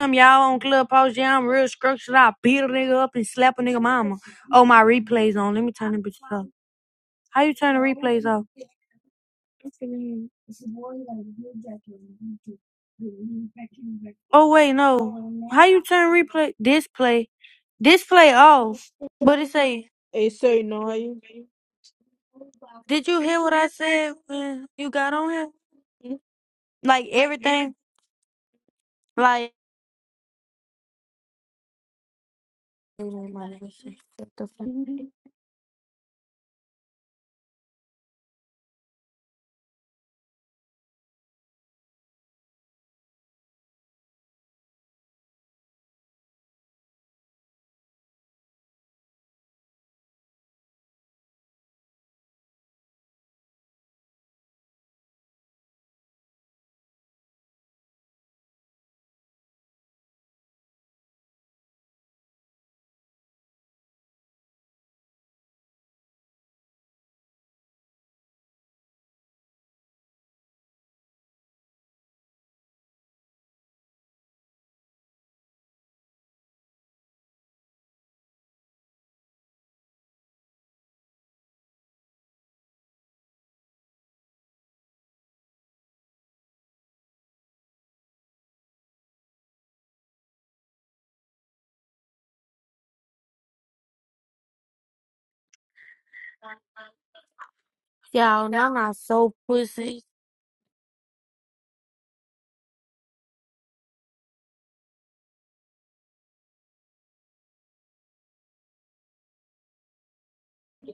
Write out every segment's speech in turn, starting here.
Damn, y'all on Clubhouse. Yeah, I'm real structured. I beat a nigga up and slap a nigga mama. Oh, my replays on. Let me turn them bitches off. How you turn the replays off? Oh wait, no. How you turn replay display display off? But it say, did you hear what I said when you got on here? Like everything, like Shut the fuck y'all. Now I'm not so pussy.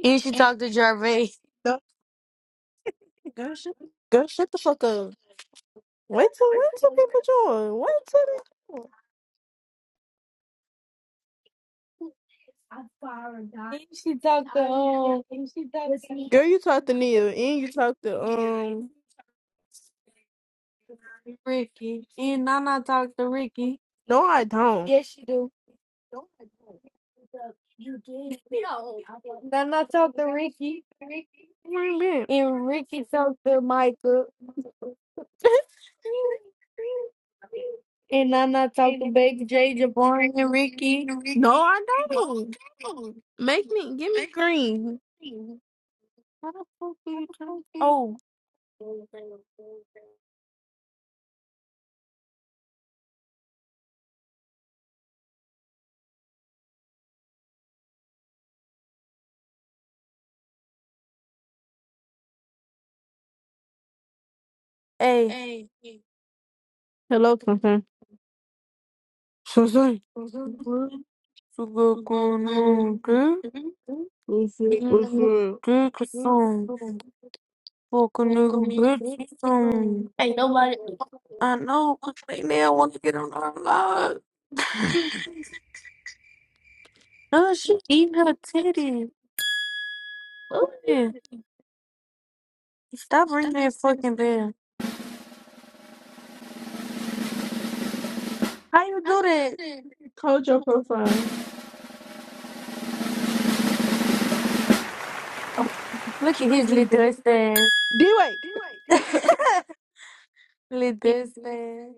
And she talked to Jarvey. Girl, shut the fuck up. Wait till wait till people join. Wait till She talked they- Girl, you talk to Neil and you talk to um Ricky. And Nana talked to Ricky. No I don't. Yes, she do. Nana talked to Ricky. What do you mean? And Ricky talked to Michael. And Nana talked to Baby J, Jabari, and Ricky. No, I don't. Make me give me green. How the fuck do you drink it? Oh, Hey, hello, Clinton. So sorry. So sorry. What so good going the on, fuck? good, good, What's up? good, good, You song. Fucking Fucking nigga, nigga, bitch. bitch. Um, Um, I I know. know, 'cause they now Hell, want to get on our lives. oh, uh, she she beat eating me. her titty. Oh, yeah. Stop Stop looking ringing that at fucking me. bell. How How you you do do that? that? Hold your profile. Look Look at at his you, you little dirty dust ass. man. D-Way. It- What are Little dust ass.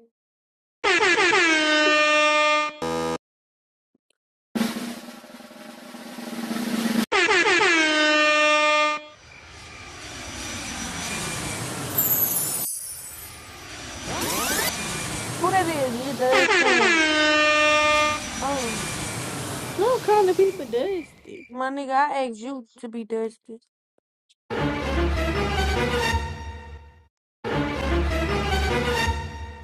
Who that you doing, is? Little dust you dirty? ass. Oh, Don't come to people dusty. my nigga, Money. I asked you to be dusty.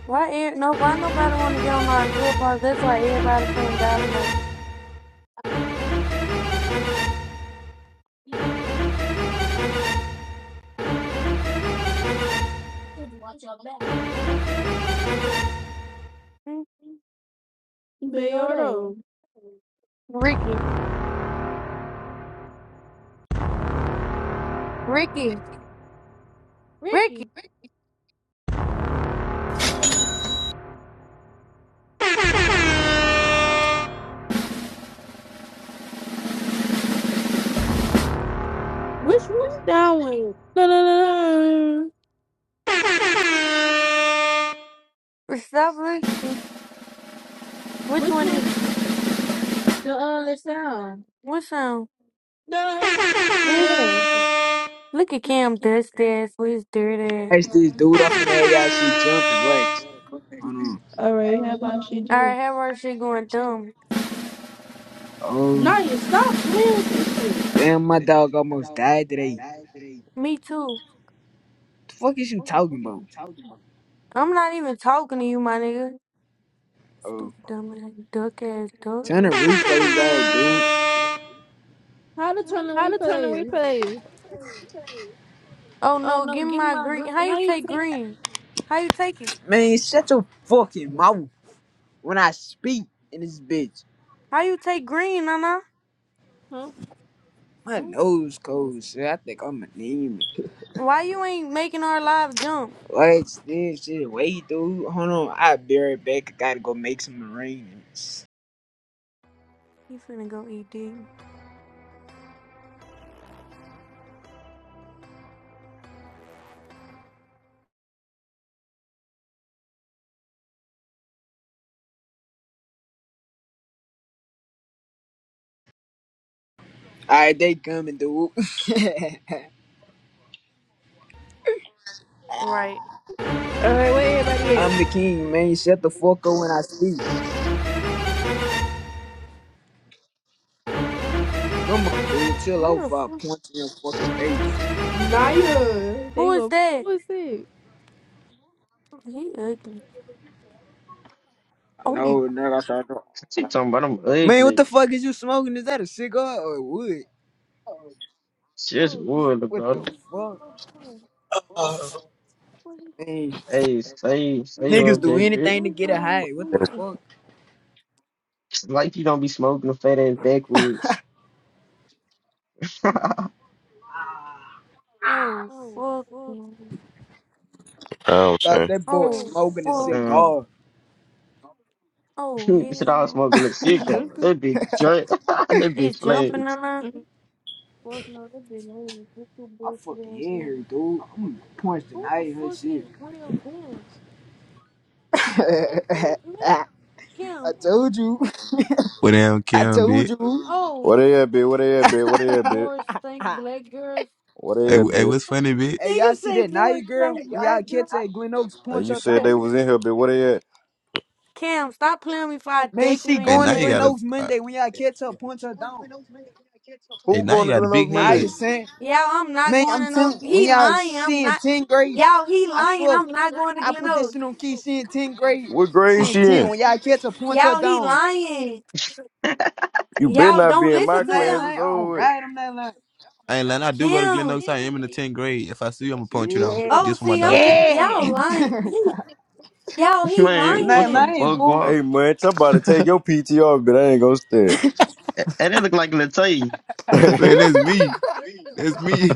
Why Why ain't er- my no? Why nobody want don't to look get on our like clubhouse? don't look That's why like everybody can't that? download. Hmm? Bayordo. Ricky. Ricky. Ricky. Ricky. Ricky. Which Which one? one's That that one. one? No, no, No, no, no, no. no, Stop That's- looking. that one? Which one. Which one one? is The uh, the sound. what What's song? No. Yeah. Yeah. Look Look at at Kim. Cam Dust Ass with his dirty Watch this dude off in that y'all see jumping. Watch. Hold on. All right. How about she Alright, do? how her she going dumb? Oh, Nah, you stop playing with this shit. damn, my dog almost died today. Me Me too. too. The fuck is you Okay. talking about? I'm I'm not not even even talking talking to to you, my anybody. nigga. Oh, Stupid dumb ass duck ass duck. How turn the replays off, dude. to turn the replay? Oh Oh no, no, give me give me my my green. green. How you How you take take green? How you take it? Man, shut your fucking mouth when I speak in this bitch. How you take green, Nana? My nose cold, shit. I think I'm anemic. Why you ain't making our live jump? Watch this shit. Wait, dude. Hold on. I'll be right back. I gotta go make some arrangements. He finna go eat dick. Alright, they coming, dude. Right. All right, where everybody at? I'm the king, man. Shut the fuck up when I speak. Come on, dude. Chill Who out the for a fuck? punch in your fucking face. Naya, they Who is go. that? that? Who is it? You He ugly. ugly. Oh, Somebody- No, nigga, I started doing. She talking about I'm Man, what ugly. the fuck is you smoking? Is that a cigar or wood? just Oh, shit. wood, What Oh, the bro. we see your fuck? bed. Uh, What is- Man, Hey, say, say, niggas do LJ, bitch. anything what to is get a wrong high. What with the That's you? fuck? Like you don't be smoking a fat ass backwoods. um, Oh, fuck. what I'm Thought saying. that boy Oh, smoking a fuck. cigar. Oh, you should man. hell all no. smoking a It's cigar. jumping. That be joint, that be It's It's jumping jumping on flags. on us. her. Mhm. Fuck no, that bitch ain't even get too I bullshit fucking ass hate her, nigga. dude. I'm gonna punch Who the tonight her fuck shit. is real Cam? Who the fuck that man? I Cam. told you. What down, I Kim, bitch? told you. Oh, What they at, bitch? What they at, bitch? What they at, bitch? more stank Ah. black girls. What Hey, they at, wh- hey, bitch? what's funny, bitch? hey, y'all Niggas see say that more Naya girl? stank When black y'all girls. catch that Glen Oaks, Hey, punch you her said down. they was in here, bitch. What they at? Cam, Damn, stop stop telling playing me me if for I a Man, dick she in in your Hey, your going now to face. you Glen got a, Oaks face. uh, Monday. When y'all catch her, punch her down. hey, Who now going you to got a Glen Oaks big Now head. you Monday? saying, Y'all, Y'all, I'm I'm not not man, going going I'm to to no. no. telling you, when He He y'all lying. lying. I'm I'm she in not. not. 10th grade, Y'all, Y'all, he he I lying. lying. swear, I'm I'm not not going going to to I get put this no. Glenos. shit on key, she in 10th grade, What grade she in she 10. in? When y'all catch her, point her Y'all, Y'all, he he down. lying. lying. You better Y'all Y'all not be don't don't in listen listen my I'm to to not class. him. him. It's lying. Oh, over. with. God, I'm not lying. I ain't lying. I do go to Glen Kim. Cam. Oaks. I am in the tenth grade. If I see you, I'ma punch you down Yeah. Oh, Oh, just for see, my see, I'm. I'm. dog, T- Kim. Y'all Yeah. y'all lying. lying. He. Y'all, Y'all, he he Man, I'm what not the lying. lying. lying, fuck, dude. guap? Hey, man, I'm about to take your PTR, but I ain't gonna stay. And it look like Latte. Man, that's me. That's me.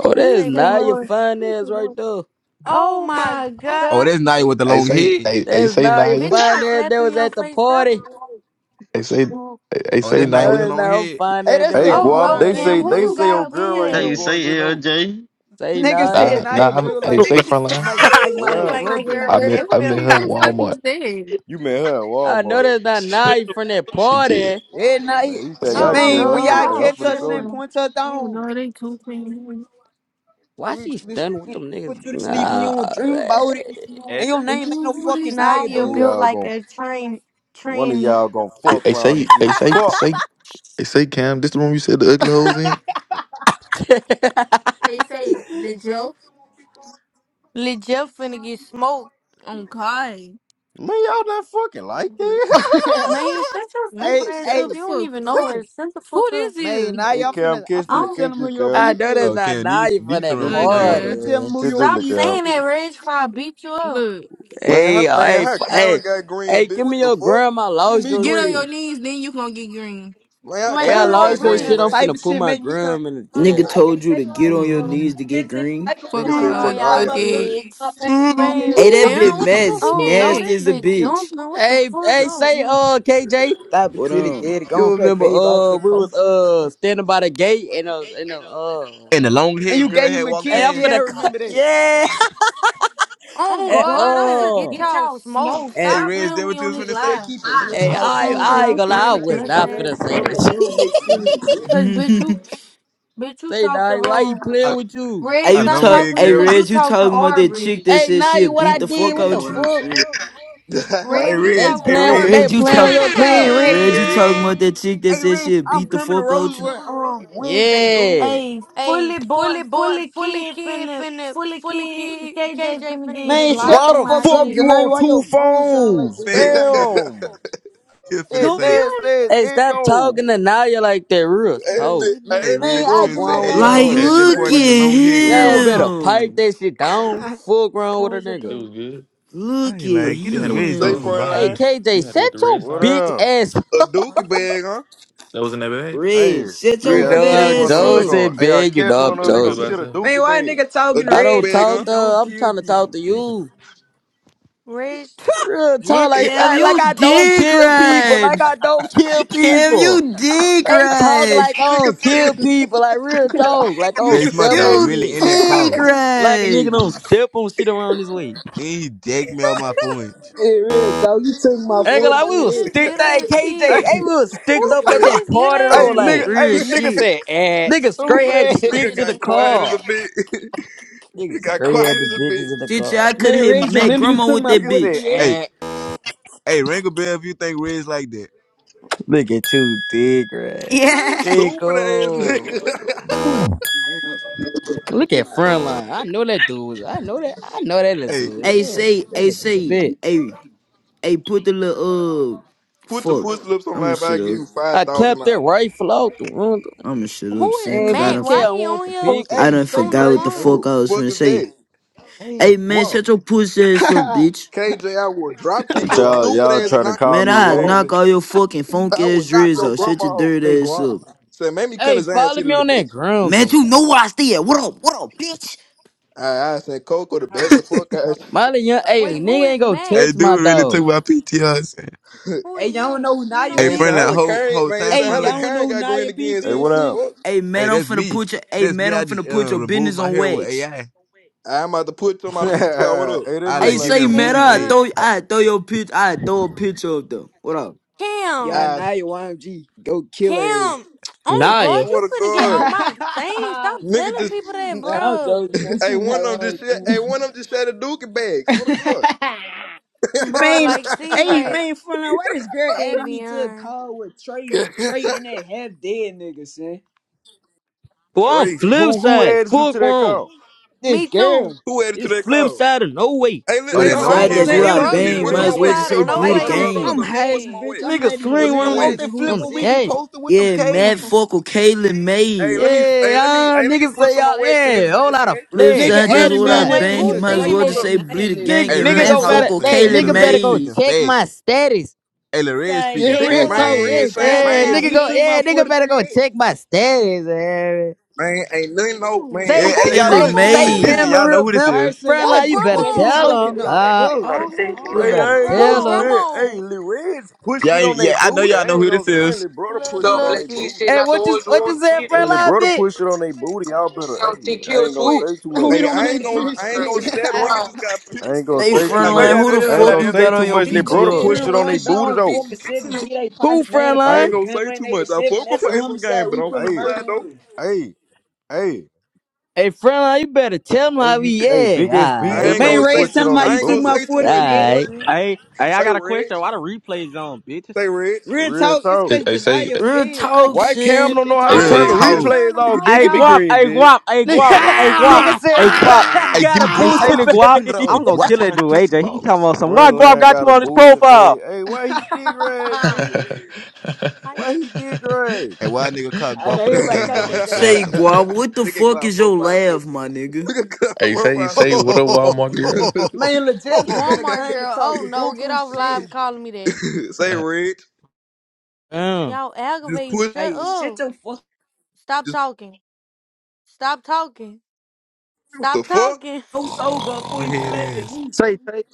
Oh, Nigga that's Niggas say say not more. your more. fine He can ass say more. right there. Oh Oh my my god. oh, god. that's not with the I long say, head. I, I That's say not your Naya. Bitch, I fine ass slap that you in was your at the face. party. Stop. I say, I Oh, say that's I not know with the Naya. that's long not her head. fine Hey, ass that that's hey, was the at Oh the Oh Guap, no, no, owner they party. Kim. Cam, say name, Who who they huh? you you say got up old got in girl right Now here here? you playing? going to say Glen Oaks. LJ. Say Nigga Naya. said Nah, now nah. you Who I'm, the build I like a, say fuck s- is frontline. like, like you What my You look little Look down? like a like brother. a girl I with met, that girl. I What met her in filter. the fuck you Walmart. saying? You met her at I know Walmart, that's not She, what Naya from that she did. party. Yeah, now you, man. You I think yeah, I swear. Oh Oh care? man, no, I'm when no, for y'all y'all hey, y'all I'm catch for the her, show saying you. tripping. tripping. point her Oh Oh down. no, no, they they tripping. cooping. Why We she this, stunned with this- them niggas? put you to sleep and you Nah, don't dream man. about it. Ooh, the? And your name ain't no What fucking is Naya, now Nadia you're One of dude. built built y'all like like gonna a a train? train one of train. tranny. y'all gonna I, fuck I around and say, get I say, fucked. say, I say Cam. This the room you said the ugly hoes in? they They say say Lil the Jeff. Jeff. Lil Lil Jeff Jeff finna finna get get smoked. smoked. On Oh God. God. Man, y'all not fucking like Man, Man, that. shut shut your the Man, Hey, stupid ass shut up. the hey, You don't even fuck up. know where Shut the Who fuck up. this man, is? Hey Naya, I'm Cam, finna, I'm kiss I this, finna Oh. don't tell kiss them who this, your Cam. I peep know that's Oh, is. not Kim, these Naya from these the that one Kiss with the Oh, Really, this same I'm bitch. Gloria? finna God. tell them party. who Kiss your this Stop Stop peep little saying saying Cam. that, that, is. Ray. Reg, It's before I I beat beat you you up. up. Look, Man, Hey, how, oh, man, hey, how f- hey, Kyron got green, hey, bitch? give me What the your fuck? gram. I Give lost me your get Get on on your shit. your green. knees, knees, then then you you gonna gonna get get green. green. Man, how Wait, Wait, Hey, I who who And Kyron it- on won't got lost your it's- green, green? that shit. green? I'm man? type finna of put shit my make me turn. gram in the wrong. Nigga I chat. can told you take to it get right on your from knees to get bitch in the green. Fuck, fuck microphone, Nigga Fuck get Fuck said, you hoes. all uh, fuck out, all uh inside y'all you. my y'all feelings, did. dread. dicks. my bitch. pants out of here Man, Hey, or that bitch Damn, something. what the fuck Matt's we oh no, did? nasty this as a bitch Don't bitch. know jumping. what What the the Hey, fuck. fuck? hey, Oh say, Oh no. uh, KJ. Stop it, What silly um? kid. Go You and play remember, babe out uh, there, we was coach. uh standing by the gate and uh and uh, uh and the long And head you girl gave had him a walked hey, kiss, I'm yeah, past. I finna cut, remember that. yeah, Oh and God, I'm God, I'm finna finna get uh, get y'all y'all smoked. smoked. and Hey, Stop Stop Reg, playing playing that with with me what me you on was on We this this can finna say say? live. live. keep hey, Fuck Fuck it. I on on, with Yes, I ain't y'all gonna lie, I dirty bitch. saying, was Cause dust not ass finna say team. this. We don't make sense of it. Cause bitch bitch, you you hey, bitch, bitch you you say talk talk to to Nari, why he um um playing A, with you? Red. Red, a you Stop stop long talk. talking head to talking me Hey, girl. because cause you you Red, you talk talk to to talking about that Aubrey. Aubrey. chick that Hey said Nari, she'll what I beat Like, the did? fuck What man, the out what you? I'm fuck? saying. hey, hey, Red, you Red. They Reg. talk to Hey, playing, Reg. they Red, Aubrey. you playing on talk. your Man, talk. Red, Rich. Hey, you talking Reg. about that chick that Hey, said Rich, she'll I'm beat the coming to fuck out you? Rosewood um Wednesday, dude. Yeah. Hey, Hey, fully boy, fully boy fully fully kid kid finna, finna fully fully kid kid KJ KJ finna finna get Man, get blocked shut Why blocked the for from the my fuck my up, fuck shit. shit. you Janae. on Why two your phone sound like phones? this, that dude? Thanks. Damn. He was finna That Don't say, you? nasty ass Hey, stop echo. talking to Naya like that. Real Wait, talk. bitch, we hey, hey, being that Man, Riz loud? I Fuck finna get say, my wrong hey, with you dog to remember Like, was Okay, at y'all. kill that you look point bitch, in for the me. at long it haired was girl Y'all good. walking by? better pipe him. that shit down. Fuck wrong with a Close the It nigga. door. was good. I Look ain't at lying. Get You this had it with the Riz say, dude say from sauce. front him. by Hey me. line. You KJ, had it set with the red your What sauce. bitch up? ass. A dookie bag, huh? That was in that bag. Hey, Red, hey, shut You your I know fat Oh, catch I'm one ass on, Rich. they up. gonna Joseph, hey I bitch. You know catch Uh, one I'm it on, was they gonna good by Joseph. shit a itself. Man, dookie why a bed. nigga A talking to I dookie don't Reg bag, like talk huh? he to. don't her. I'm kill trying to talk people? to you. Reg, Real talk, Look, nigga like Cam, that. like you I don't dick kill people. ride. Like I don't kill Cam, people. you dick They talk ride. like I don't kill said, people. Like real talk. Like I don't Face nigga my step dog said, on You really in shit. that dig, call. Like a nigga right? don't step on shit around this way. And he jacked me on my phone. inch. Hey, real talk, you took my who Ain't the gonna lie, fuck we is was 43 this X. sticked up little at ass KJ. Hey, kid? Hey, we was nigga sticked Who the up fuck at is said, that this little party ass though. hey nigga, Like kid? hey Real nigga shit. said eh, nigga straight stupid had to ass. stick nigga to the got quiet as a car. bitch. he Nigga got scream at quiet the as a bitch. bitches in the Stitcher, car. I could Man, hit Reg, Matt remember you Grandma took with my that nigga said bitch. 43 Hey, eh. X? hey, ring a bell if you think Riz like that. Look at you, dick rat. Yeah. Stupid ass nigga. Pickle. Oh, Look at Frontline. I know that dude. was- I know that. I know that little Hey, dude. Hey, Yeah, say, that hey, little dude, a say, bitch. hey, hey, put the little, uh, Put the fuck. push lips on I'ma live, I'll shut give up. you I clapped that $5,000. rifle out the room. I'ma shut up, Who is son, cause I Matt? done, MGK, for, Why I he want on the here big one. I hey, done say on the forgot what the Tay. Man, fuck Who phone? I the was fuck finna is say. that? Hey, Hey, man, guap, shut your pussy ass up, bitch. KJ, I would drop Say kick But your guap, y'all stupid y'all ass and trying to knock your call Man, me I grandma hole. ugly. knock all your fucking funk I would ass knock dreads your out. Shut grandma your hole. Say dirty ass guap, up. up. Said, man, me Hey, couldn't sign follow see the me on little bit. that ground, Man, though. you know where I stay at. What up, what up, bitch? I, I said, Coco, the bat the fuck out. Molly Young, hey, a Wait, who nigga ain't is gonna hey, Matt? touch my dude really dog. took my PTRs. Who hey, is y'all don't Matt? know who You Naya know Hey, Man, Matt? said, Peep how Friendline, is? whole, Karen, whole man, time, said, Hey, how Friendline. y'all don't know Karen who got green Nia P again. Hey, Saying, what is, what the up? since? fuck? Hey Hey, man, I'm that's finna me. put your hey That's man, me. I I'm just finna put uh, your removed business my on hair with wax. AI. I I'm about to put you on my PTR. What hey, up? they I look Hey like, give like me say a you man, boosty too, I bitch. fade. throw Tavion. I, I throw your pitch I throw a picture of them. What up? Y'all, I Cam. Nia YMG, go kill her. Cam. Oh Huh? Nah, God, yo. you swear to finna get all God. my things. Stop Nigga telling just, people that, nah, I'm bro. joking. man. She hey, one Nia of them just, shot- hey, YMG. one of them just had a dookie bag. Swear to God. Bro, man, like, see, hey, like, man, front line, why this girl added me to a Tavion. call with Trey, Trey and that half dead nigga, son? Boy, I'm Trey, flip Who who side. added you to Fuck that wrong. call? This Me too. girl, who added to It's that flip car? side of no way. Hey, li- oh, hey, Flip that hold on, it long hold side, was, on, haired Right, that's hold what girl on, it I hold say was on. Let she this Scruggs me is the bang. put girl. Might some too. flip as on well wax. She, Let just side me of say hold on, no hold bleed on, like, the hold way. on, I'm, hold on. hold I'm game. on. Let me high put as a some on bitch. wax. I'm Nigga not Let me even put swing some on I'm around out this there wax. realizing who flip on the this when we is. be gas. posting with them Yeah, Matt K's. fuck with Kaylin Hey, May. let me, hey, let me, Yeah, uh, hey, let me niggas put say some on y'all, wax in this yeah, whole bitch, lot of saying, Flip flip, Nigga side, that's flip added what I me in side. that Wait, bitch bang. who's of Yeah. Might as Trey saying fuck well and this just that up, say shit? bleed the Nia nigga. gang Nigga, Hey, and nigga real fuck Matt go up. talk, fuck better, with son. hey, Hey, Kaylin nigga Lorraine better go May. speaking check my facts. status. Hey, Lared Side, speaking Yeah, yeah, Tick, real whole facts, lot talk, of man. flip man, red side, Saint, jack man, whole Yeah, Saint. lot shit. of nigga He go, took my yeah, yeah. nigga better 43 go check my status. Yeah. man, ain't nothing no, man, Hey, ain't Say, hey, Who nothing y'all, no Kaylin look, grandma say, bitch, say listen, on Saint. listen. May. Y'all know here? Cameroon who this 8. Vamp, Alright, is. so y'all Who Frontline, you just better fucking tell grandma? him. talking on Uh, fuck. Oh you my! Hey, Oh, better I ain't gonna Who tell him. grandma, stand. Hey, grandma? Lil Reds push Yeah, it on they yeah, I know booty. y'all I know ain't who gonna this stand. is. Lil brother push it So, on Fluffy. they like he Fluffy. booty. said, Hey, not the what you, ones who what on you the said, media, Hey, we Lil got Frontline, the brother bitch? push it on games. they booty. Y'all better. Something Hey, I kill ain't gonna Who, switch. say too Long much. We Hey, little don't want I to ain't Mustang, gonna, long drink as you I ain't gonna shit. thirteen. stab. So Nigga why? just got I pissed ain't gonna up Say on say that too I know frontline, much. y'all side. who know the this I whole ain't fuck lot gonna you of say got him. on too your much. He Lil go brother get PTR? Three push nigga it and no on they one, but kisses booty on with four though. and seven, beat bitches. they who, partner mad I about ain't Frontline? a gonna gun say went too much. I 87. fuck with That's a face on homicide. game, but We on put a flip Hey, murder side though, on. hey, hey, Hey, Frontline, you better tell him hey, how we, you. Hey, yeah, big SB, I that alright, ain't Man, gonna man Ray, say push it too, something on about they I you ain't took gonna my booty. say too much. 43 Just 8, one, alright. son. Hey, hey, I say got a red, question. Why the replays on, bitches? say red, Real Real talk, it's talk. I, cause I say, Janaya Real fed and I talk, Why can't turn Cam son. that don't know bitch I how I to off. don't Real know turn the red. say. We how to talk. just. turn replays them off? off, Big, Hey, give me y'all. guap. green, Hey, bitch. guap. Hey, guap. nigga Hey, guap. nigga Ah! Hey, said, "Friend, guap. I Hey, Ah! got give a me Hey, green say so boosted I Ah! little can guap. turn it face." I'm off. gonna Watch kill out it, of dude. Chris AJ, he talking Fox. about some. Why guap Friendline got got you a on his boosted face. profile? Hey, why he dick riding, bitch? Why he dick riding? Hey, why a nigga called I know Guap put his Look everybody pants caught down and that gun Say slapped him? bitch. guap, what the at fuck Glock is your profile laugh, picture. my nigga? Look at Glock Hey, say profile Ho say ho what ho up, ho ho ho Walmart girl. ho ho Man, Lil ho ho Jefferson in ho. the Walmart picture. comment girl. Oh talking no, get buku off shit. live calling me that. Say Uh, Rich. Damn. Y'all Just aggravating. push. Shut Hey, shut up. your fuck Stop Just talking. Stop talking. what the Stop fuck? talking. so sober before Long you head clap at ass. me. Say Tay.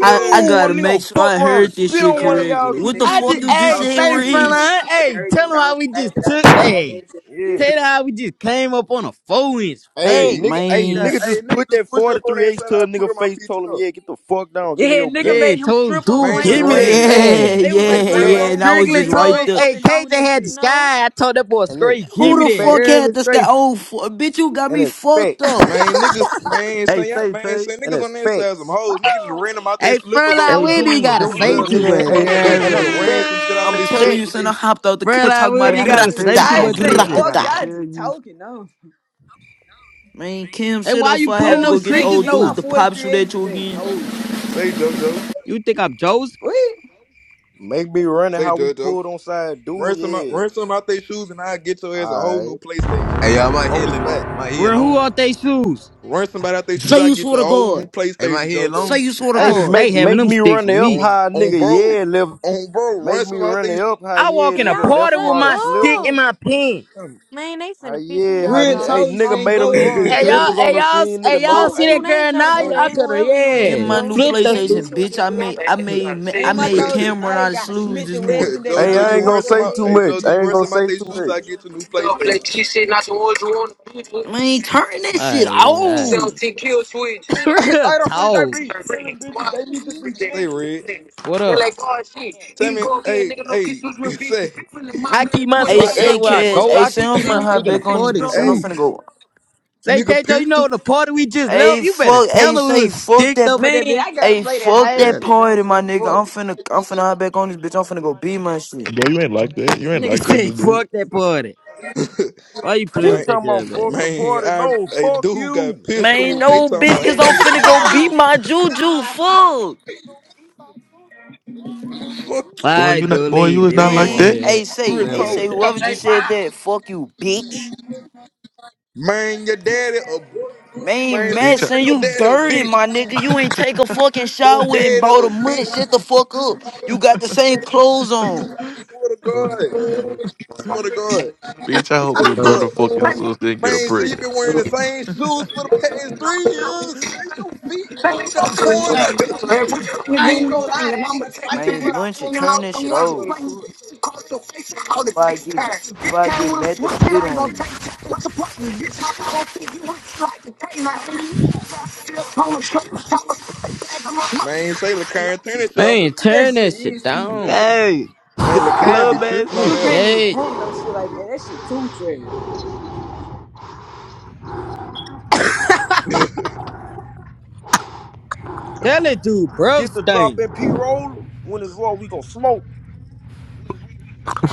I, I I'm gotta nigga gonna make sure fuck I around and heard this spit shit on one of Arab y'all. correctly. is Keep What man, the I muting fuck just, you me. just hey, also said, say 90 front Rich? years. line, I hey, buried tell these them down how we flat, just but I took, see small hey, games Yeah. tell different. them how we just came up on a four inch Hey, Hey, fix. nigga. nigga Hey, Man, got. nigga, f- Hey, just nigga put just that pushed up on 43 that H side. to I a put nigga on my face. Told him, PTO. yeah, get the fuck down. Give me Yeah, your nigga gun. Yeah, made him told strip on dude, Man, Plank just give me ran. that. Road. This Hey, yeah, Yeah, they was And say yeah, on that's Plank yeah. Fredline. Road, And facts. I was nigga strictly made just him right run told, there. up hey, and KJ down that had the bitch. sky. I told that boy And that's straight, give Who that's me the that. You fuck hear me? had facts. this guy? Straight. Oh, fu bitch, you got And me that's fucked facts. up. Man, niggas, man, Hey, say y'all- say man, Tay. say And niggas that's on that side some facts. hoes. Niggas just Oh, ran them out they Hey, slippers front over line, Hey, there. we I didn't dude, Swear to gotta them God, Yeah, say girls too is nigga. much. Hey, You that, that hear catfish, and that's me? nigga dude. ran some shit facts. out I'm they That's telling you, slippers. son, facts. I They hopped out the Front cut line, talking we Hey, about I didn't gotta gotta tell you say too I gratata, ain't much something, on saying this bitch. I bitch. fuck gotta y'all gratata. tell just you. talking, no. Man, Kim, Hey, shut up why before you I have putting to Oh, go up get the saying crickets old give my dudes though? to pop 43 shoot eggs at you back. again. No. say JoJo, You think I'm Joseph? What? Make me running say how we JoJo. pulled on side Run dude. some out, Yeah. run some out their shoes, and I get your ass a All whole right. new PlayStation Hey y'all, my on head the look long. spot. My head Real, who long. are they shoes? Run somebody out their shoes, Say I you get you swear a to whole new God. Hey, my PlayStation, head JoJo. Say long. you swear to I Hey, God. stay make having make them me run sticks with the up me. On high, on nigga. bro, Yeah, left. on bro, Make run me some out run their the up high. I Yeah, walk in Can a nigga y'all left party him shut with out of my stick slippers. up? and my pen. shoes. Man, they How finna piss me yeah, how, off with Real all hey, this talk nigga saying talking made him go on ahead leave his guard. give Hey me y'all, slippers this on hey shit. the y'all, scene, nigga. hey y'all No, Oh, see shoot, that hey, they ain't girl try to now? I do ain't, I that. could've, Whoever you Give is, me yeah, my Joe. new She, flipped that she stool. PlayStation, just bitch. wanted I to grab made her I and gotta made Man, say I too my made much. dog Cameron Janaya out of got a slews Smith this the West morning. and that hey, JoJo, Nana I you ain't put run gonna to her some say out. too head. Hey much. JoJo, I you ain't run gonna some out say their too shoes, much. I get you a new So, like, PlayStation. she said, not the ones who want to do it. Man, turn that shit Alright, alright. off. 17 kill switch. Throw Real them free talk. JP. Tell them bitches Why? they need the free Say chicken. Rich, What They're up? like, oh shit, tell he me, go again, hey nigga, no hey, kiss was real bitches. say Feeling my I brother keep my 20, Hey, if why? stick I say drop everywhere I 30, cash. bro, go. Hey, drop I say I'm 60, keep you my finna might hop stick in a back think on this is this party bitch. drunk. And I'm Hey too. finna go. Say, nigga, Kato, you pistol. know the party we just left? Hey, You better fuck. tell Hey, them we say was fuck sticked that. up p- at Man, that bitch. I gotta Hey, play that fuck hash that Real. shit, You party, my nonsense. nigga. Fuck. I'm finna. I'm finna hop back on this bitch. I'm finna go beat my shit. Boy, you ain't like that. You ain't Nigga like that, say, to do. fuck that party. Why you playing He Man, with that talking girl, about man? fuck the man, party. I, No, hey, fuck dude got you. Man, pistol. They no, talking bitch, about, cause hey, I'm niggas to finna go call beat I this shit. my juju. Fuck. fuck. boy, I you not do boy, leave, you is bitch. not We ain't like want to Man, that. hear hey, that. say. Real We Hey, ain't want talk. say to hear that. whoever just said that. Fuck you, bitch. Man, your daddy a Man, man, leave Bitch. this I... Madison, bitch, your you daddy a dirty, bitch. my nigga. You ain't take a fucking Your shower in daddy about a a month. bitch. Shut the fuck up. You got the same clothes on. Swear to God. Swear to God. Bitch, I hope Swear your to God. brother fuck your sister and get her Man, so you pregnant. been wearing the same shoes for the past three years. See your feet. Let me You go got to you. corn on your If shit. we come and then ain't we gonna lie, bang, and I ain't I'ma a take mine. cypher, Man, but I Munchie, fuck Hanging on turn with out the this the shit ones cypher. that Swear to off. playing God. just across your face. I call it If I get, FaceTime. if Bitch I can't get wanna mad to switch it, spit I ain't on gonna you. take time. What's the problem, bitch? How about I think you want to like the pain? I ain't even tired. Still calling truck. Time to spit the bag on my money. Man, say LeCarn, turn that shit off, dude. Man, That turn shit that shit is too down. trash. Hey, Man, LeCarn be club ass tripping You on on the You music. that. can't even gauge. pump no shit like that. That shit too trash. Tell that dude, bro, Get the drop stink. and P roll. When it's raw, we gonna smoke.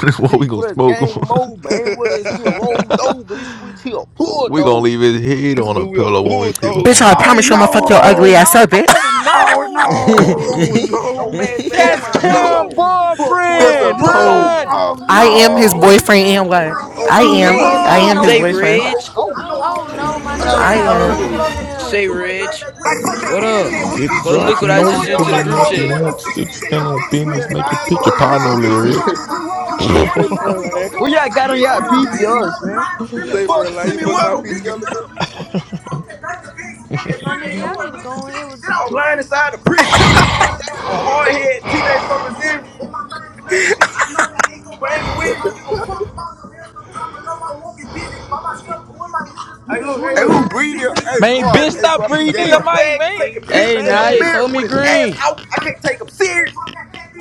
That's what Be we gonna for this smoke on. gang mode, but this ain't with us get rolled over. This switch here, we gonna bulldozer. leave his head is on a we a pillow when we creep up bulldozer. Bitch, I on Oh promise you I'm gonna fuck your ugly no! ass No, up, but Oh bitch. Oh no! him. Oh no! No no. man's man had That's my Oh hood Cam over. no. Fuck 12 That's Oh on a boyfriend. oh no, punk. they pullover. Run. got no. a Oh punk. They He I got a got a am his punk punk up up no! in in boyfriend and here. what? him. Right I Oh across You the am. no. is? bleeding, I Oh don't Oh. am come his and no, Say, bitch, you boyfriend. Reg. gotta Oh, what? go. know Oh all Oh, no, them no, my niggas my beat, nigga, they but nigga, they Oh I got ass a got a no punk am. doodle, punk up up in. fuck in that no. 22 here. here. Say, and Reg. bang back with Like his fuck click. the I What seen the up? internet, moon we get Get the get off Go you that beat, look drop. You dropped, what you I beat. know know Turn just we he me sent up to the pulling like pulling group up. up. fuck We a You chat. nigga. want the want six, six then no stand on bitches make business. That you Make pick it mind your pick your mode, partner. partner, up, sicky bitch. Bitch, little the We get Rich. the drivers we drums, pull roll up 'em. and down the Say wondering why for place, a and we go post line. the Who slow. y'all horses. got on I'm Before y'all in this my game, biz, PTOs, ballin', man? mind, I'm screaming, Say for a fuck it, line. send You me fuck with my 'em. PTR Bitches the bill. dumping little from niggas. Blind inside the prison. A hard head, TJ so resilient. Banging with me. Hey, look, hey, Hey, look. who breed it? Hey, Man, Guap. bitch, Hey, stop Guap, you That- breathing He in a the gay. mic, faggot man. taking piss Hey, Fat in the now you ass. mirror throw me with his ass green. out. I can't take him serious.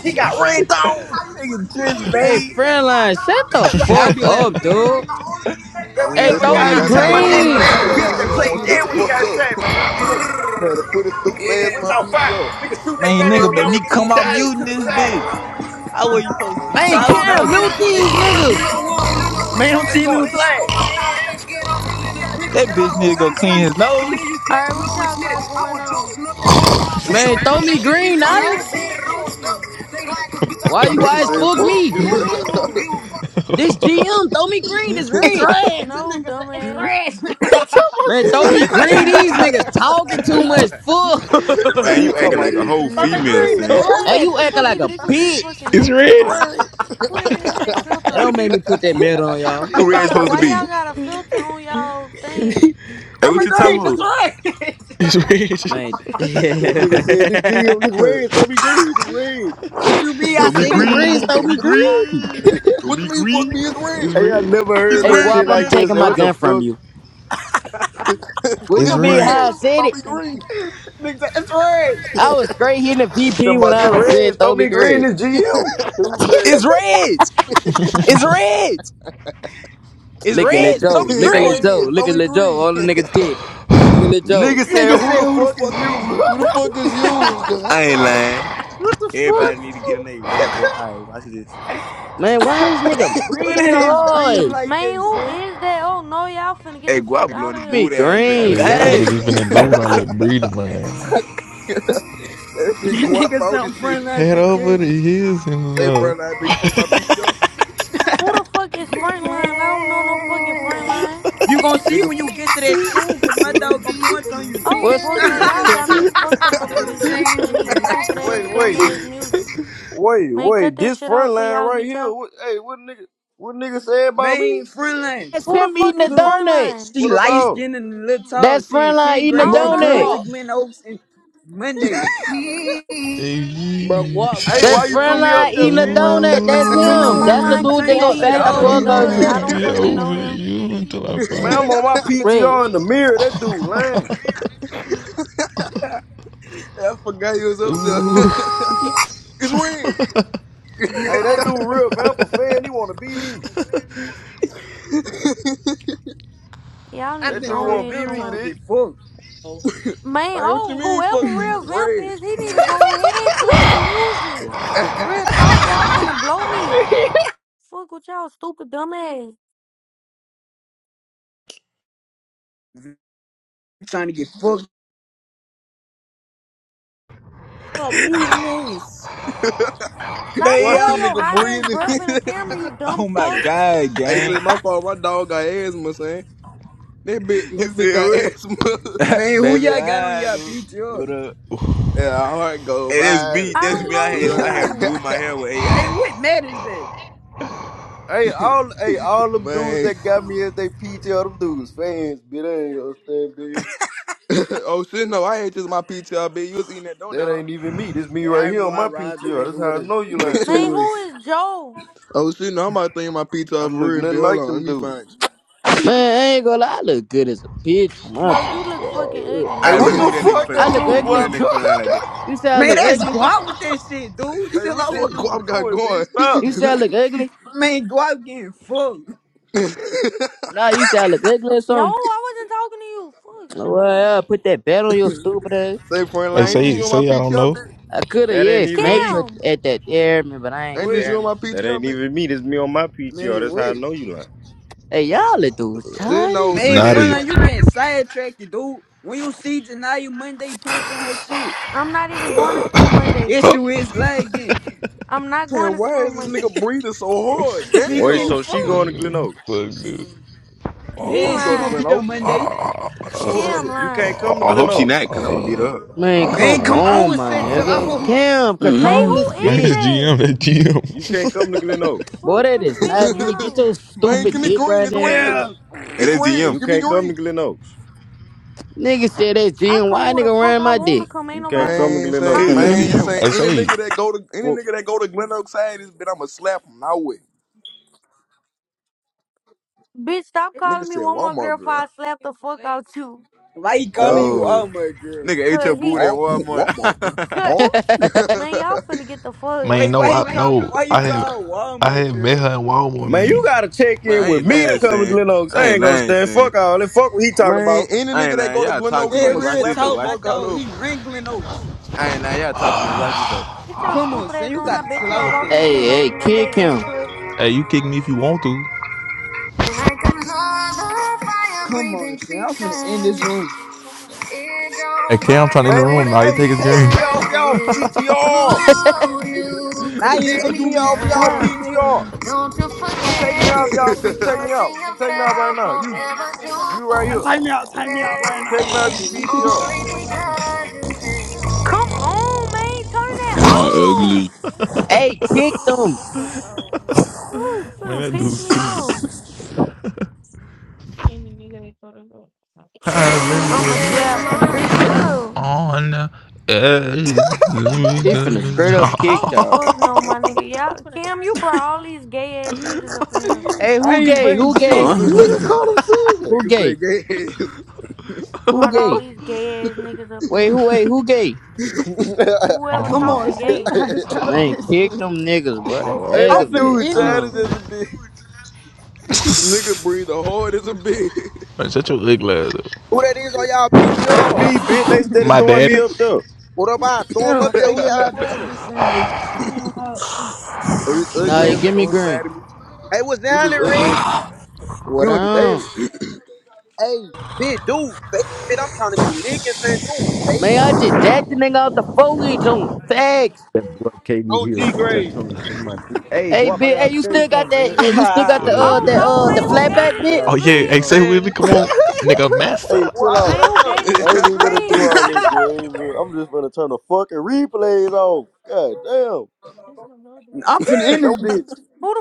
He got rained on. Nigga trip, Hey, man. friend line, shut the i fuck be laughing. up, i dude. That Mm, we Hey, that's ever throw why I me got. I be got the tap my mad nigga on too. my neck for My that green. little partner PTR got a bitch now. He that little don't want played to shitty. shut dead the when he fuck got up. shot, man. Hey, hey, look. Man, to put his stupid ass Yeah, on When my y'all fight? PTR. Niggas shoot their Man, gun at nigga me, made I'ma me double G come get out shit. died muting to the this side. bitch. I wasn't supposed to be Man, Jump on talking. the I Cam, was ride just and mute jump back these listening. in it. We niggas. know one, only know when Man, it's don't red That's is team a me going with the. bag on slag. my head. I ain't scared, I'm still in the trenches. He That How bitch the need to fuck go you say clean you his stepping in, nose. you All right, clutching what on the y'all snitch? got I going was on? josting up that road, now I'm back Man, home throw trying to me get bitch. green, Them Naya. No, niggas said bitch, it fuck all stuff. you. They like us, bitch, I The Why stuff, you they nigga wise know said, it's fuck done. fuck I'm me? from you. Who that, uncle, is i don't you? give a fuck. This GM, throw me green, this It's rich. red. This No, nigga said it's dumbass. red. talking about Man, this throw Hey, me red. green. These niggas talking too much he said, it's man, Fuck, He red. you talking acting like about a this whole GM, Tommy this female, Green, red. it's son. It's hey, Who you the red. acting fuck like is a this with this bitch. fucking it's makeup red. on? Who that is with that filter It don't on? make me put that medal on y'all. Who Who Red got a, supposed to why be? y'all got a filter on y'all thing? Hey, what Tommy He you talking talking Green, about about? it's red. It's red. Man. That nigga said this GM, this red. red, throw me green, this red. what you It's mean? I red. Tommy said these rings Green, throw Tommy me green. Green, what Tommy you mean, fuck Green. me? It's It's red. Hey, I red. never It's It's heard Hey, no rich, shit Guap, red. I'm like man. this. taking Hey, my what the gun from fuck? you. What Scoot It's it's you your feet mean? back, red. no, How red. I no. said Don't it? be Thank green. nigga said it's red. I was straight hitting the You talking VP when about I this was said red, throw throw me me green, green. this GM? Stupid It's ass. reds. It's reds. It's Look at Lil reds. Throw Joe. me Look it's at Lil green. Joe. red. Look Don't at be Lil Joe. green. All the nigga dick. Look at Lil Joe. Nigga said, Nigga who said, the who the fuck is fuck you? is you? Who the fuck is you? I ain't lying. what the fuck? Everybody need to get in there. Level boy. All right, watch this. Man, why this nigga What it breathing is breed hard? you. like Man, this, who eh? is that? Oh, no, y'all finna get Hey, the fuck Guap blowing out of his here. boo Me down there. green, Yeah, Okay. y'all son. Okay. niggas finna go with all that breeding, man. that That big guap nigga all said, this I'm shit. friendly like Head big over the cousin. hills in Say love. front line, but you fuck my PTR, Who the Feelings, fuck is Frontline? I don't know no fucking Frontline. You gonna see nigga. when you get to that school, cause my so dog gonna deep in point on my you. Oh What's fuck no, y'all got feelings. me fucked up up in this Notice they bitch playing these really stupid like ass Wait, dumb wait, thi- ass music. wait, Man, cut wait. that This shit front off for line y'all right get here. y'all. What, hey, what nigga? What nigga said about me? Man, friendly. That's Who the him eating fuck a is Look, donut. Frontline? What she light about? him? skinned and little tall. That's She in Frontline 10th eating I a grade. don't Bro, She know coming donut. to you. Guap. Glen Oaks in Monday. me. Me. Hey, Bro, Guap got Hey, his That's why you threw gun me to Frontline up it, there, eating a bro. bitch? Well, donut. That's Come him. on, That's the Ooh, Frontline I'm could dude turn that keep go that Guap, eating shit you bat that the got your off, fuck I'll fucking dude. out gun donut. you. I never back. don't get fucking know over him. you until I Man, I'm find. on my Red. PTR in the mirror. That dude lying. I forgot you was up there. Ooh. it's red. Hey, that dude real vamper fan. He wanna be me. Y'all I need to That go think dude on real wanna here be Vim me, trying to somewhere. bitch. get fucked. Oh, Man, Man, what you oh mean fuck whoever me? It's real vamp red. is, he need Boot to up. go ahead playing that music. Why, Real talk, y'all finna blow me. Fuck with y'all stupid dumbass. Vim trying to get fucked. stop muting this. Stop Man, Why the yo. blowing your nigga hot ass breathing? breath in the camera, you dumb Oh my fuck. God, hey, say gang. my fault. My dog got asthma, son. That big, You that big said got what? asthma. Man, who Baby, y'all got on I y'all do. What PTR? up? yeah, our heart go Hey, that's bad. me. I That's don't me. I know What had I up? had you. removed my hair with Hey, AI. what matters that? Hey, all hey, all them dudes Man. that got me as they PTR, them dudes fans, bitch. They ain't gonna stand, bitch. oh shit, no, I ain't just my PTR, bitch. You was eating that That donut, ain't even me. This me Hey, I right here remember on I my robbed the PTR. That's nigga how with I a know you with a huh? lying. Man, who tourist. is Joe? Oh shit, no, I'm about to think my pizza I off for look real, nothing bitch. Hold like on, let them me dudes. find Man, I ain't gonna lie. I look good as a bitch on my No, you look fucking picture. ugly. I Hey, Now what shut the remove the that nigga fuck fuck for I that up. look dude go remove ugly. out that there? nigga for lying like that. You say I Man, look that's ugly? guap with that shit, dude. hey, Chill what you. that out. What guap dude got doing, bitch? going? Stop. You say I look ugly? Man, guap getting fucked. Say, Nah, you say I look ugly or No, something? I wasn't talking to you. Fuck, shut Well, up. yeah, put that bet on your stupid ass. friend, Hey, like, dumbass. ain't this say you on man. my say I don't PTR, know. bitch? I coulda, That yeah, ain't even smacked me. her Kim! at that, yeah, me, but I ain't, Ain't you this Wait, you hear on me. my That PTR, ain't bitch? even me. This me on my man, PTR. That's how I wait. know you lying. Hey, y'all little dudes Shit, no, childish. Man, nigga. It's Naughty as my Frontline, you getting sidetracked, dude. When you see Janaya Monday punching her shit, I'm not even going to school Monday. fuck. issue is lagging. I'm not going saying, to why school is this Monday. nigga breathing so hard? Me Wait, Damn. getting so fucked. she going to Man, what Glen the Oaks? fuck, dude? He Yeah, She she go to gonna be Glen lying. there Oaks. Monday. Uh, uh, Kim So, You lying. can't come to I Glen hope she uh, Oaks. not, cause I'm gonna beat uh, her up. Man, Man, come come on on, with my that uh, uh. till I nigga. hold. Cam, Man, control Mm, who this Man, is this bitch. that? GM, that You can't GM. come to Glen Oaks. Boy, Fuck, that finna is uh, piss not me me. Get off. your man, stupid give me dick green. right It's there, red. son. Yeah. That It's is red. GM. You Give me can't come green. to Glen Oaks. Nigga said that I Jim. come Why where the nigga fuck ran I my want to dick? come. Ain't You nobody can't come gonna to Man, Glen saying, pop Oaks. Kids, me. that's man, GM. mm, saying, hey, any say, nigga that go to any nigga that go to Glen Oaks side, this bitch, I'ma slap him. Now way. Bitch, stop Nigga calling me said one more Walmart girl before girl. I slap the fuck out you. Why he calling Or, you No. Walmart girl? Nigga ate your Cause he booty at or Walmart. Walmart girl. cut. Or. hey, Man, y'all finna get the fuck. man, Wait, no, why he For I real. call? no, Why I you had, call her I Walmart had met girl? her in Walmart, Man, you man. gotta check Man, in I with ain't me to lying, come to son. Glen Oaks. I I ain't ain't gonna lying, stand. Fuck son. all that. Fuck what he talking Man, about. any I nigga ain't that lying. go to Y'all Glen talk too Oaks, Yeah, much. I'ma Watch real this slap the though. talk, Watch my fuck out dog. of He wrangling oats. I ain't lying, y'all talk too much. Watch this though. Get your Come on, stupid son, ass you on. I gotta bet chill you out I with walk this in shit. Glen Oaks hey, Monday kick him. untouched. Hey, you kick me if you want to. Like another fire Come on, breathing son, I'm finna end creature. this room. It Hey, don't Cam, burn trying to in the how Man, what? room now. it You Hey, take his take green. me off y'all appears. It's PTR. through you Now could you ain't make gonna Take me do me me off shit. y'all I'll now. kill her. PTR. Don't you Take me forget off it if y'all the P. Take me person out. you Take me out fell right now. for You, ever do you right Uh, here. Take me out, time me out this. right now. Take me off your It's PTR. only because Come you on, man. Turn Am that I off. ugly? Hey, kick Turn them. the Fuck, out, man. Fuck, Man, finna that piss dude's me stupid. off. I'm I'ma in it. slap him, ain't here. bitch. Shut I'm up. on the edge. He finna straight up kick Oh, y'all. fuck no, my nigga. Y'all, Cam, you brought all these gay ass niggas up in here. Hey, I who ain't gay? bring Who shit. gay? him. Nigga, uh. call him singing. Who nigga say gay? gas. Who Brought all gay? these gay ass niggas up in Wait, here. who wait, who gay? Whoever Come on, talking see, you gay. gotta stop Man, this kick shit. them niggas, bro. Oh. hey, They I'm that finna aggravate. dude, end Chad this is No. just bitch. a bit. Nigga breathe the hard as a bitch. Man, shut your ugly ass up. Who that is on y'all That's PTR? me, bitch. They steady My throwing me daddy. up there. What about You throw him up don't there? take Who it y'all out to see trolling? the Sunday. You don't want oh, this Nah, ugly you ass give nigga me on the green. side of me. Hey, what's This down is there, ugly Red? What You and on? David. Hey, big dude, fake it, bitch. I'm trying to go lick and send dude, fake Man, I just jacked the nigga out the foliage on facts. That boy it. came in On here, G bitch. I grade, told me from my feet. Hey, Hey, guap, I bitch, hey, gotta you tell still you got something, that? bitch. eh, You still got the What I'm up? uh, Oh that uh, the no, man, flatback, I bitch? gotta who gave this Oh nigga tell yeah, you hey, say green? something. Willie, man. come on, nigga, mess hey, up. chill What, out. Man, what who up? gave this I ain't nigga even ass. gonna do green? all that, bro. I ain't even- I'm just gonna turn the fucking replays off. God damn. finna end Don't. this bitch. Who the?